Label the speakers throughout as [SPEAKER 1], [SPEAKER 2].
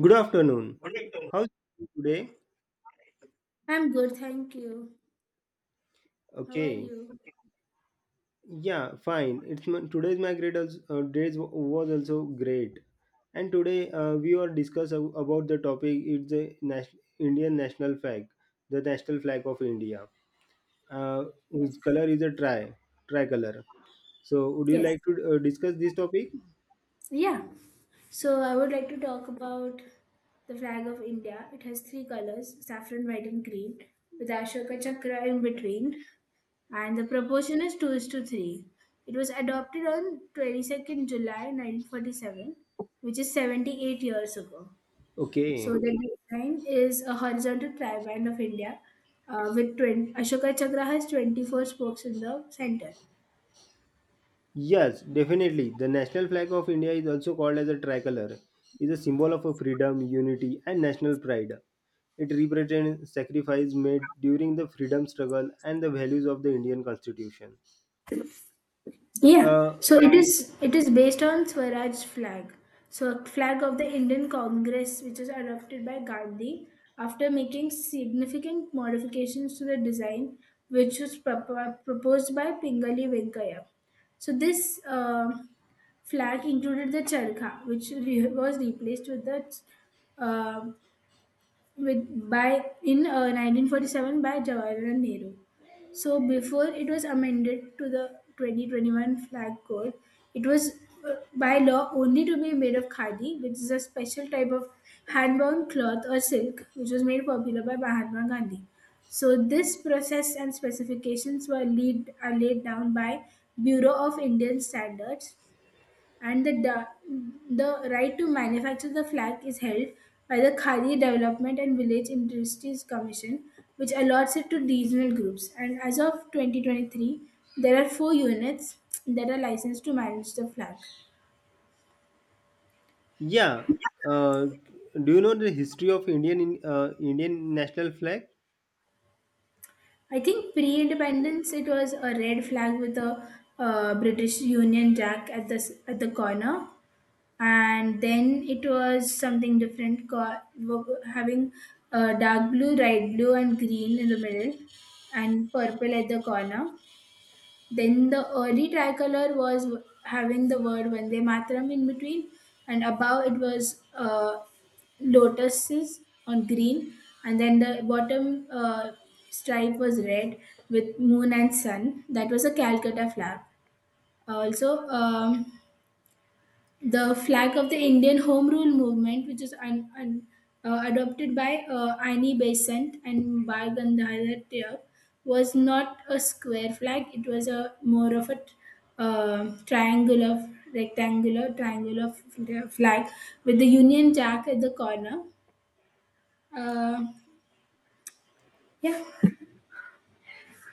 [SPEAKER 1] Good afternoon.
[SPEAKER 2] Morning. Evening.
[SPEAKER 1] How's it today?
[SPEAKER 2] I'm good, thank you. How are
[SPEAKER 1] Okay.
[SPEAKER 2] you?
[SPEAKER 1] Yeah, fine. Today's my days was also great, and today we are discuss about the topic. It's the Indian national flag, the national flag of India, uh,
[SPEAKER 2] Yes.
[SPEAKER 1] whose color is a tricolor. So, would you
[SPEAKER 2] Yes.
[SPEAKER 1] like to discuss this topic?
[SPEAKER 2] Yeah. So I would like to talk about the flag of India. It has three colors: saffron, white, and green, with Ashoka Chakra in between, and the proportion is two is to three. It was adopted on 22nd July 1947, which is 78 years ago. So
[SPEAKER 1] Okay.
[SPEAKER 2] the design is a horizontal triband of India, with 20, Ashoka Chakra has 24 spokes in the center.
[SPEAKER 1] Yes, definitely. The national flag of India is also called as a tricolor. It is a symbol of freedom, unity, and national pride. It represents sacrifice made during the freedom struggle and the values of the Indian Constitution.
[SPEAKER 2] Yeah,
[SPEAKER 1] Uh,
[SPEAKER 2] so it is based on Swaraj flag. So a flag of the Indian Congress, which was adopted by Gandhi after making significant modifications to the design, which was proposed by Pingali Venkaya. So this flag included the charkha, which was replaced with the uh, with by in 1947 by Jawaharlal Nehru. So before it was amended to the 2021 flag code, it was, by law, only to be made of khadi, which is a special type of hand-woven cloth or silk, which was made popular by Mahatma Gandhi. So this process and specifications were lead, are laid down by Bureau of Indian Standards, and the right to manufacture the flag is held by the Khadi Development and Village Industries Commission, which allots it to regional groups. And as of 2023, there are four units that are licensed to manage the flag.
[SPEAKER 1] yeah. Uh, do you know the history of Indian national flag?
[SPEAKER 2] I think pre independence it was a red flag with a British Union Jack at at the corner. And then it was something different, having dark blue, light blue, and green in the middle, and purple at the corner. Then the early tricolor was, having the word Vande Mataram in between, and above it was lotuses on green, and then the bottom stripe was red with moon and sun. That was a Calcutta flag. Also, the flag of the Indian Home Rule Movement, which is adopted by Annie Besant and Bal Gandhar Tier, was not a square flag. It was a more of a triangle, rectangular, triangular of flag with the Union Jack at the corner. Uh, yeah.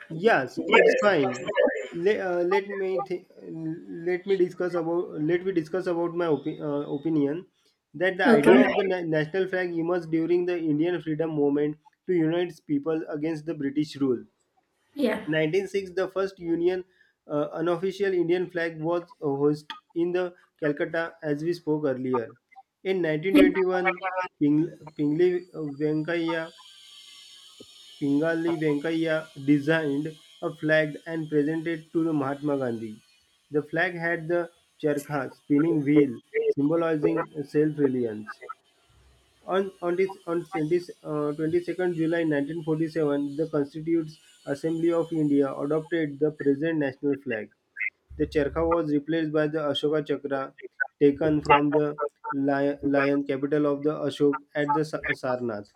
[SPEAKER 1] Yes, it's fine. Let, let me th- let me discuss about let me discuss about my opinion that the idea
[SPEAKER 2] Okay.
[SPEAKER 1] of the national flag emerged during the Indian freedom movement to unite people against the British rule.
[SPEAKER 2] Yeah.
[SPEAKER 1] 1906, the first union unofficial Indian flag was hoisted in the Calcutta, as we spoke earlier. In 1921, Ping- Pingle Venkaiah Pingali Venkaiah designed a flag and presented to the Mahatma Gandhi. The flag had the charkha spinning wheel symbolizing self-reliance. On 22nd July 1947, the Constitutes Assembly of India adopted the present national flag. The charkha was replaced by the Ashoka Chakra taken from the lion capital of the Ashok at the Sarnath.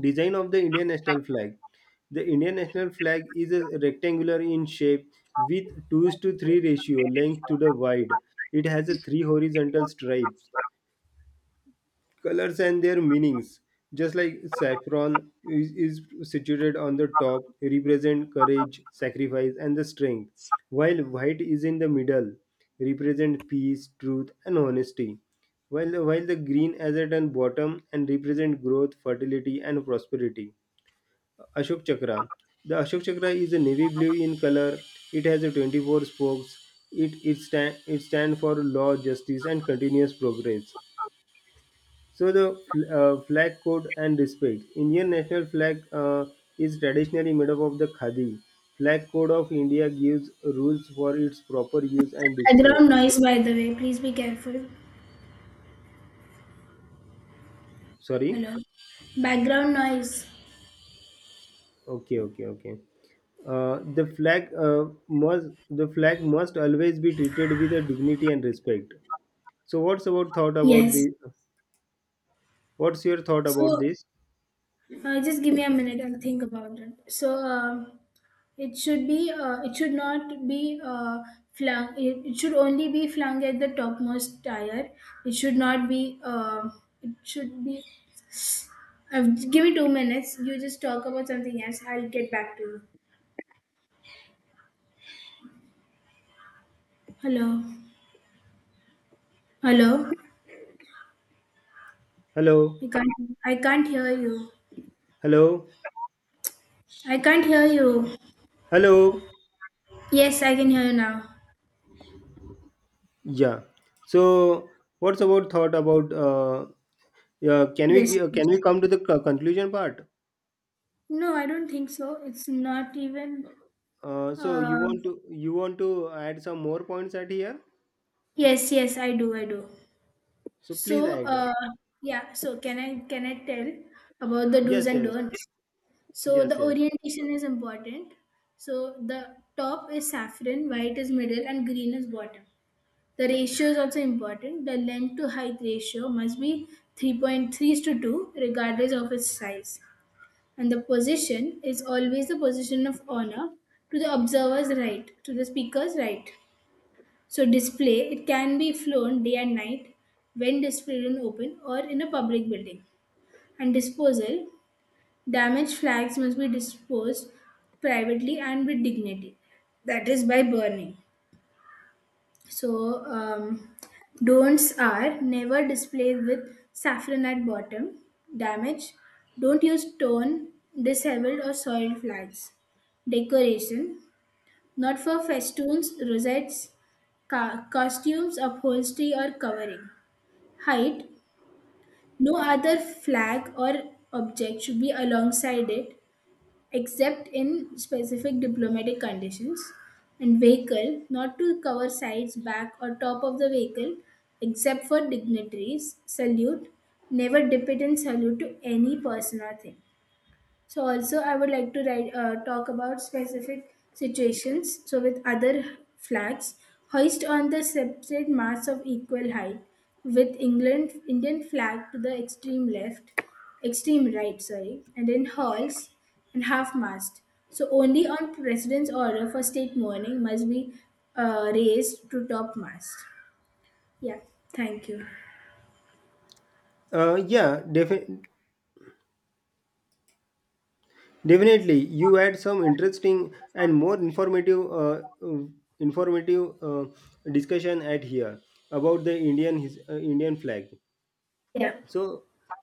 [SPEAKER 1] Design of the Indian national flag. The Indian national flag is a rectangular in shape with 2 to 3 ratio length to the wide. It has a three horizontal stripes. Colors and their meanings. Just like saffron is situated on the top, represent courage, sacrifice, and the strength, while white is in the middle, represent peace, truth, and honesty. While the green as at on bottom and represent growth, fertility, and prosperity. Ashok Chakra. The Ashok Chakra is a navy blue in color. It has a 24 spokes. It stand for law, justice, and continuous progress. So the flag code and respect. Indian national flag is traditionally made up of the khadi. Flag code of India gives rules for its proper use and display.
[SPEAKER 2] Background noise, by the way. Please be careful.
[SPEAKER 1] Sorry.
[SPEAKER 2] Hello. Background noise.
[SPEAKER 1] Okay. Okay. Okay. The flag must always be treated with a dignity and respect. So
[SPEAKER 2] Yes.
[SPEAKER 1] what's your thought about
[SPEAKER 2] So
[SPEAKER 1] this?
[SPEAKER 2] Just give me a minute. I'll think about it. So it should be. It should not be. Flung. It should only be flung at the topmost tire. It should not be. It should be. Uh, give me 2 minutes. You just talk about something else. I'll get back to you. Hello. Hello.
[SPEAKER 1] Hello,
[SPEAKER 2] I can't. I can't hear you.
[SPEAKER 1] hello,
[SPEAKER 2] I can't hear you.
[SPEAKER 1] hello.
[SPEAKER 2] Yes, I can hear you now.
[SPEAKER 1] Yeah. So what's our thought about yeah, can we
[SPEAKER 2] Rest.
[SPEAKER 1] can we come to the conclusion part?
[SPEAKER 2] No, I don't think so. It's not even.
[SPEAKER 1] Uh, so you
[SPEAKER 2] Uh,
[SPEAKER 1] want to you want to add some more points at here?
[SPEAKER 2] Yes, yes, I do, I do.
[SPEAKER 1] So please
[SPEAKER 2] So,
[SPEAKER 1] add.
[SPEAKER 2] yeah, so can I tell about the do's
[SPEAKER 1] Yes,
[SPEAKER 2] and
[SPEAKER 1] yes,
[SPEAKER 2] don'ts? So
[SPEAKER 1] yes,
[SPEAKER 2] the
[SPEAKER 1] yes.
[SPEAKER 2] orientation is important. So the top is saffron, white is middle, and green is bottom. The ratio is also important. The length to height ratio must be 3.3 to 2, regardless of its size. And the position is always the position of honor, to the observer's right, to the speaker's right. So, display: it can be flown day and night when displayed in open or in a public building. And disposal: damaged flags must be disposed privately and with dignity. That is by burning. So, don'ts are: never display with saffron at bottom. Damage: don't use torn, disheveled, or soiled flags. Decoration: not for festoons, rosettes, costumes, upholstery, or covering. Height: no other flag or object should be alongside it, except in specific diplomatic conditions. And vehicle: not to cover sides, back, or top of the vehicle, except for dignitaries. Salute: never dip it in salute to any person or thing. So also I would like to write, talk about specific situations. So, with other flags, hoist on the separate masts of equal height, with England Indian flag to the extreme left, extreme right, sorry, and then hulls and half mast. So only on president's order for state mourning must be raised to top mast. Yeah, thank you.
[SPEAKER 1] Yeah, definitely. Definitely, you had some interesting and more informative discussion at here about the Indian flag.
[SPEAKER 2] Yeah.
[SPEAKER 1] So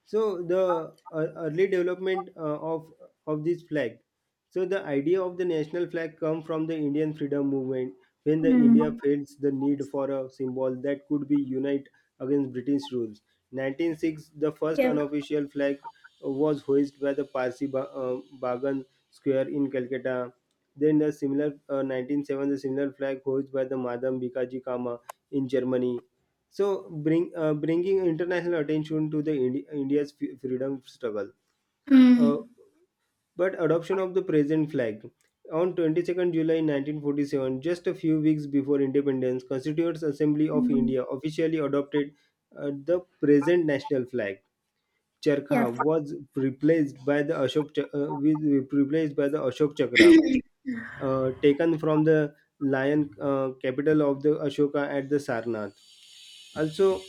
[SPEAKER 1] the early development of this flag. So the idea of the national flag come from the Indian freedom movement when the India
[SPEAKER 2] Mm.
[SPEAKER 1] felt the need for a symbol that could be unite against British rules. 1906, the first
[SPEAKER 2] Yeah.
[SPEAKER 1] unofficial flag was hoisted by the Parsi Bagan square in Calcutta. Then the similar 1907, the similar flag hoisted by the Madam Bikaji Kama in Germany, so bringing international attention to the India's freedom struggle. Uh,
[SPEAKER 2] Mm.
[SPEAKER 1] but adoption of the present flag on 22nd July 1947, just a few weeks before independence, Constituent Assembly of
[SPEAKER 2] Mm.
[SPEAKER 1] India officially adopted the present national flag.
[SPEAKER 2] Yeah.
[SPEAKER 1] Charkha was replaced by the Ashok Chakra, taken from the lion capital of the Ashoka at the Sarnath. Also,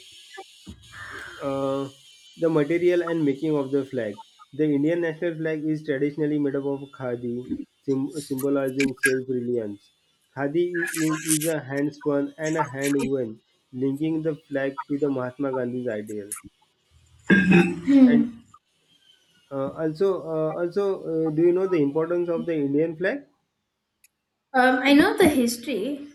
[SPEAKER 1] Uh, the material and making of the flag. The Indian national flag is traditionally made up of khadi, symbolizing self-reliance. Khadi is a hand-spun and a hand-woven, linking the flag to the Mahatma Gandhi's ideal. And
[SPEAKER 2] Mm.
[SPEAKER 1] do you know the importance of the Indian flag?
[SPEAKER 2] I know the history,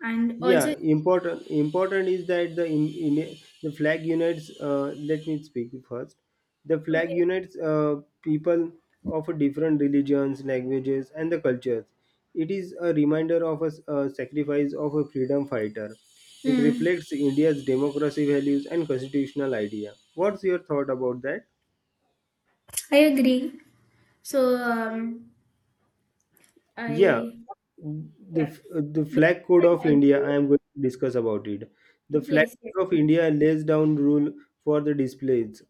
[SPEAKER 2] and also.
[SPEAKER 1] Yeah, important is that the in the flag unites let me speak first. The flag
[SPEAKER 2] Okay.
[SPEAKER 1] unites people of different religions, languages, and the cultures. It is a reminder of a sacrifice of a freedom fighter. It
[SPEAKER 2] Mm,
[SPEAKER 1] reflects India's democracy values and constitutional idea. What's your thought about that?
[SPEAKER 2] I agree. So,
[SPEAKER 1] Yeah,
[SPEAKER 2] I,
[SPEAKER 1] the
[SPEAKER 2] yeah,
[SPEAKER 1] the flag code of
[SPEAKER 2] I
[SPEAKER 1] India. I
[SPEAKER 2] agree.
[SPEAKER 1] am going to discuss about it. The flag
[SPEAKER 2] Yes, yes,
[SPEAKER 1] code of India lays down rule for the displays,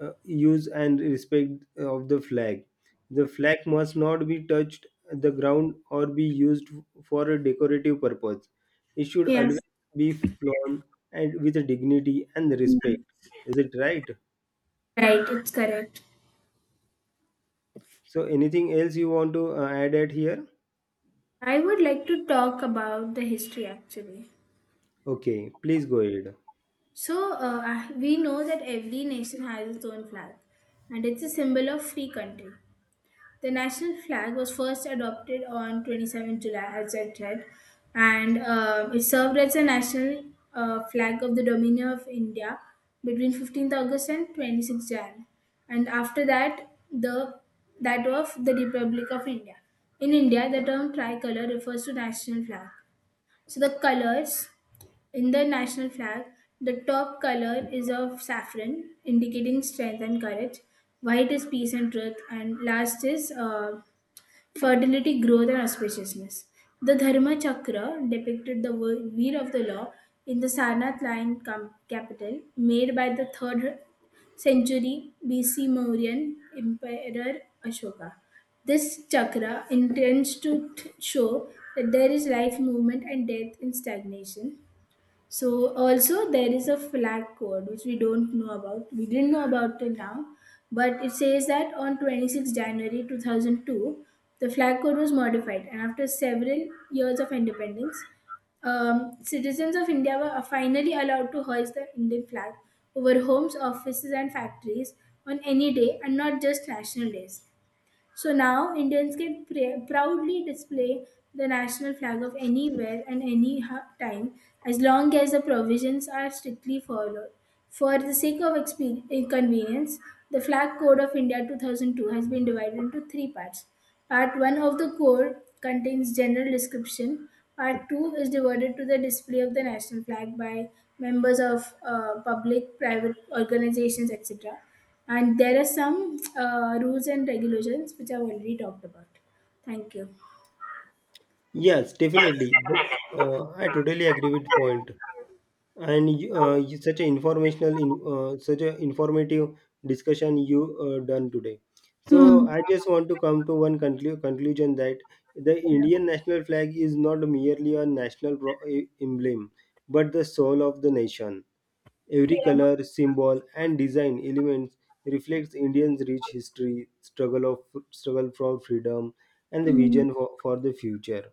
[SPEAKER 1] use and respect of the flag. The flag must not be touched the ground or be used for a decorative purpose. It should
[SPEAKER 2] yes.
[SPEAKER 1] always be flown and with dignity and respect.
[SPEAKER 2] Mm,
[SPEAKER 1] Is it right?
[SPEAKER 2] right, it's correct.
[SPEAKER 1] So, anything else you want to add at here?
[SPEAKER 2] I would like to talk about the history actually.
[SPEAKER 1] Okay, please go ahead.
[SPEAKER 2] So, we know that every nation has its own flag, and it's a symbol of free country. The national flag was first adopted on 27 July, as I said, and it served as the national flag of the Dominion of India between 15th August and 26th Jan, and after that, the that of the Republic of India. In India, the term tricolor refers to national flag. So the colors in the national flag: the top color is of saffron, indicating strength and courage. White is peace and truth, and last is fertility, growth, and auspiciousness. The Dharma Chakra depicted the wheel of the law in the Sarnath Lion capital, made by the 3rd century BC Mauryan Emperor Ashoka. This chakra intends to show that there is life, movement, and death in stagnation. So also there is a flag code which we don't know about. We didn't know about till now, but it says that on 26 January 2002, the flag code was modified, and after several years of independence, citizens of India were finally allowed to hoist the Indian flag over homes, offices, and factories on any day, and not just national days. So now Indians can proudly display the national flag of anywhere and any time, as long as the provisions are strictly followed. For the sake of inconvenience, the Flag Code of India 2002 has been divided into three parts. Part 1 of the code contains general description. Part 2 is devoted to the display of the national flag by members of public, private organizations, etc. And there are some rules and regulations which I've already talked about. Thank you.
[SPEAKER 1] Yes, definitely. I totally agree with point. And such an informative discussion you done today. So
[SPEAKER 2] Hmm.
[SPEAKER 1] I just want to come to one conclusion that the
[SPEAKER 2] Yeah.
[SPEAKER 1] Indian national flag is not merely a national emblem, but the soul of the nation. Every
[SPEAKER 2] Yeah.
[SPEAKER 1] color, symbol, and design elements reflects Indians' rich history, struggle for freedom, and the
[SPEAKER 2] Hmm.
[SPEAKER 1] vision for the future.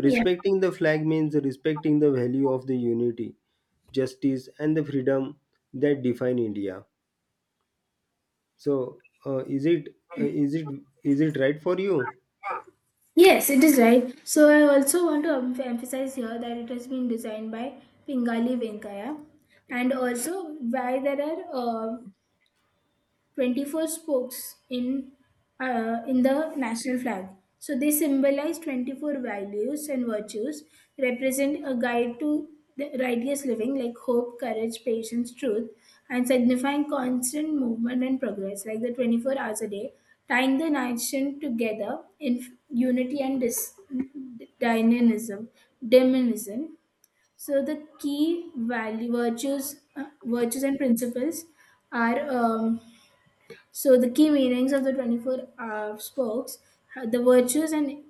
[SPEAKER 2] Yeah.
[SPEAKER 1] the flag means respecting the value of the unity, justice, and the freedom that define India. So, is it right for you?
[SPEAKER 2] Yes, it is right. So I also want to emphasize here that it has been designed by Pingali Venkaya, and also why there are uh, 24 spokes in the national flag. So they symbolize 24 values and virtues, represent a guide to the righteous living like hope, courage, patience, truth, and signifying constant movement and progress like the 24 hours a day, tying the nation together in unity and dynamism, diminism. So the key value virtues, virtues and principles are. So the key meanings of the 24 spokes, the virtues and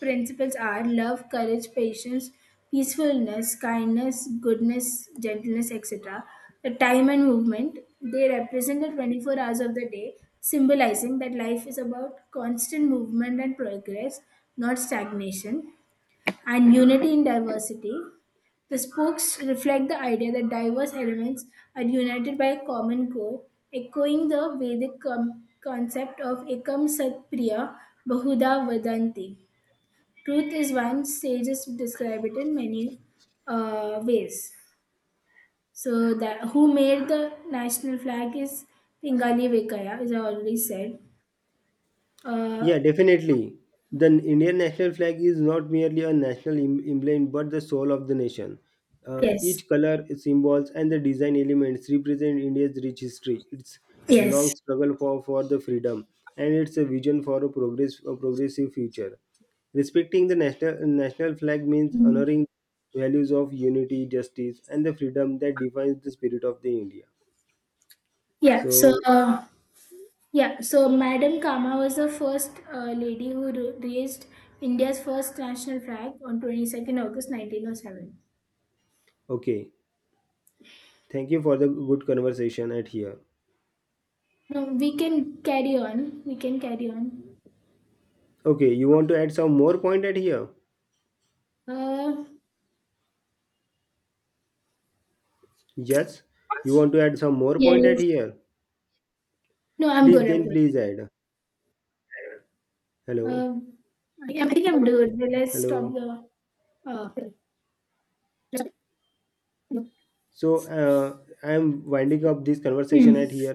[SPEAKER 2] principles, are love, courage, patience, peacefulness, kindness, goodness, gentleness, etc. The time and movement: they represent the 24 hours of the day, symbolizing that life is about constant movement and progress, not stagnation. And unity in diversity: the spokes reflect the idea that diverse elements are united by a common core, echoing the Vedic concept of Ekam Sat Priya Bahuda Vadanti. Truth is one, sages describe it in many ways. So, that who made the national flag is Pingali Vekaya, as I already said. Uh,
[SPEAKER 1] Yeah, definitely. The Indian national flag is not merely a national emblem but the soul of the nation.
[SPEAKER 2] yes,
[SPEAKER 1] Each color, symbols, and the design elements represent India's rich history, its long
[SPEAKER 2] yes.
[SPEAKER 1] struggle for the freedom, and its a vision for a a progressive future. Respecting the national flag means
[SPEAKER 2] Mm.
[SPEAKER 1] honoring values of unity, justice, and the freedom that defines the spirit of the India.
[SPEAKER 2] Yeah, so.
[SPEAKER 1] So,
[SPEAKER 2] Uh, Yeah, so Madam Kama was the first lady who raised India's first national flag on 22nd August 1907.
[SPEAKER 1] okay, thank you for the good conversation at here.
[SPEAKER 2] No, we can carry on. We can carry on.
[SPEAKER 1] Okay, you want to add some more point at here?
[SPEAKER 2] Uh,
[SPEAKER 1] Yes. You want to add some more point at
[SPEAKER 2] yes.
[SPEAKER 1] here?
[SPEAKER 2] No, I'm good. I'm good.
[SPEAKER 1] Please add. Hello.
[SPEAKER 2] Uh, I think I'm good. Let's stop
[SPEAKER 1] Hello.
[SPEAKER 2] the. Uh,
[SPEAKER 1] So I am winding up this conversation at
[SPEAKER 2] hmm.
[SPEAKER 1] here.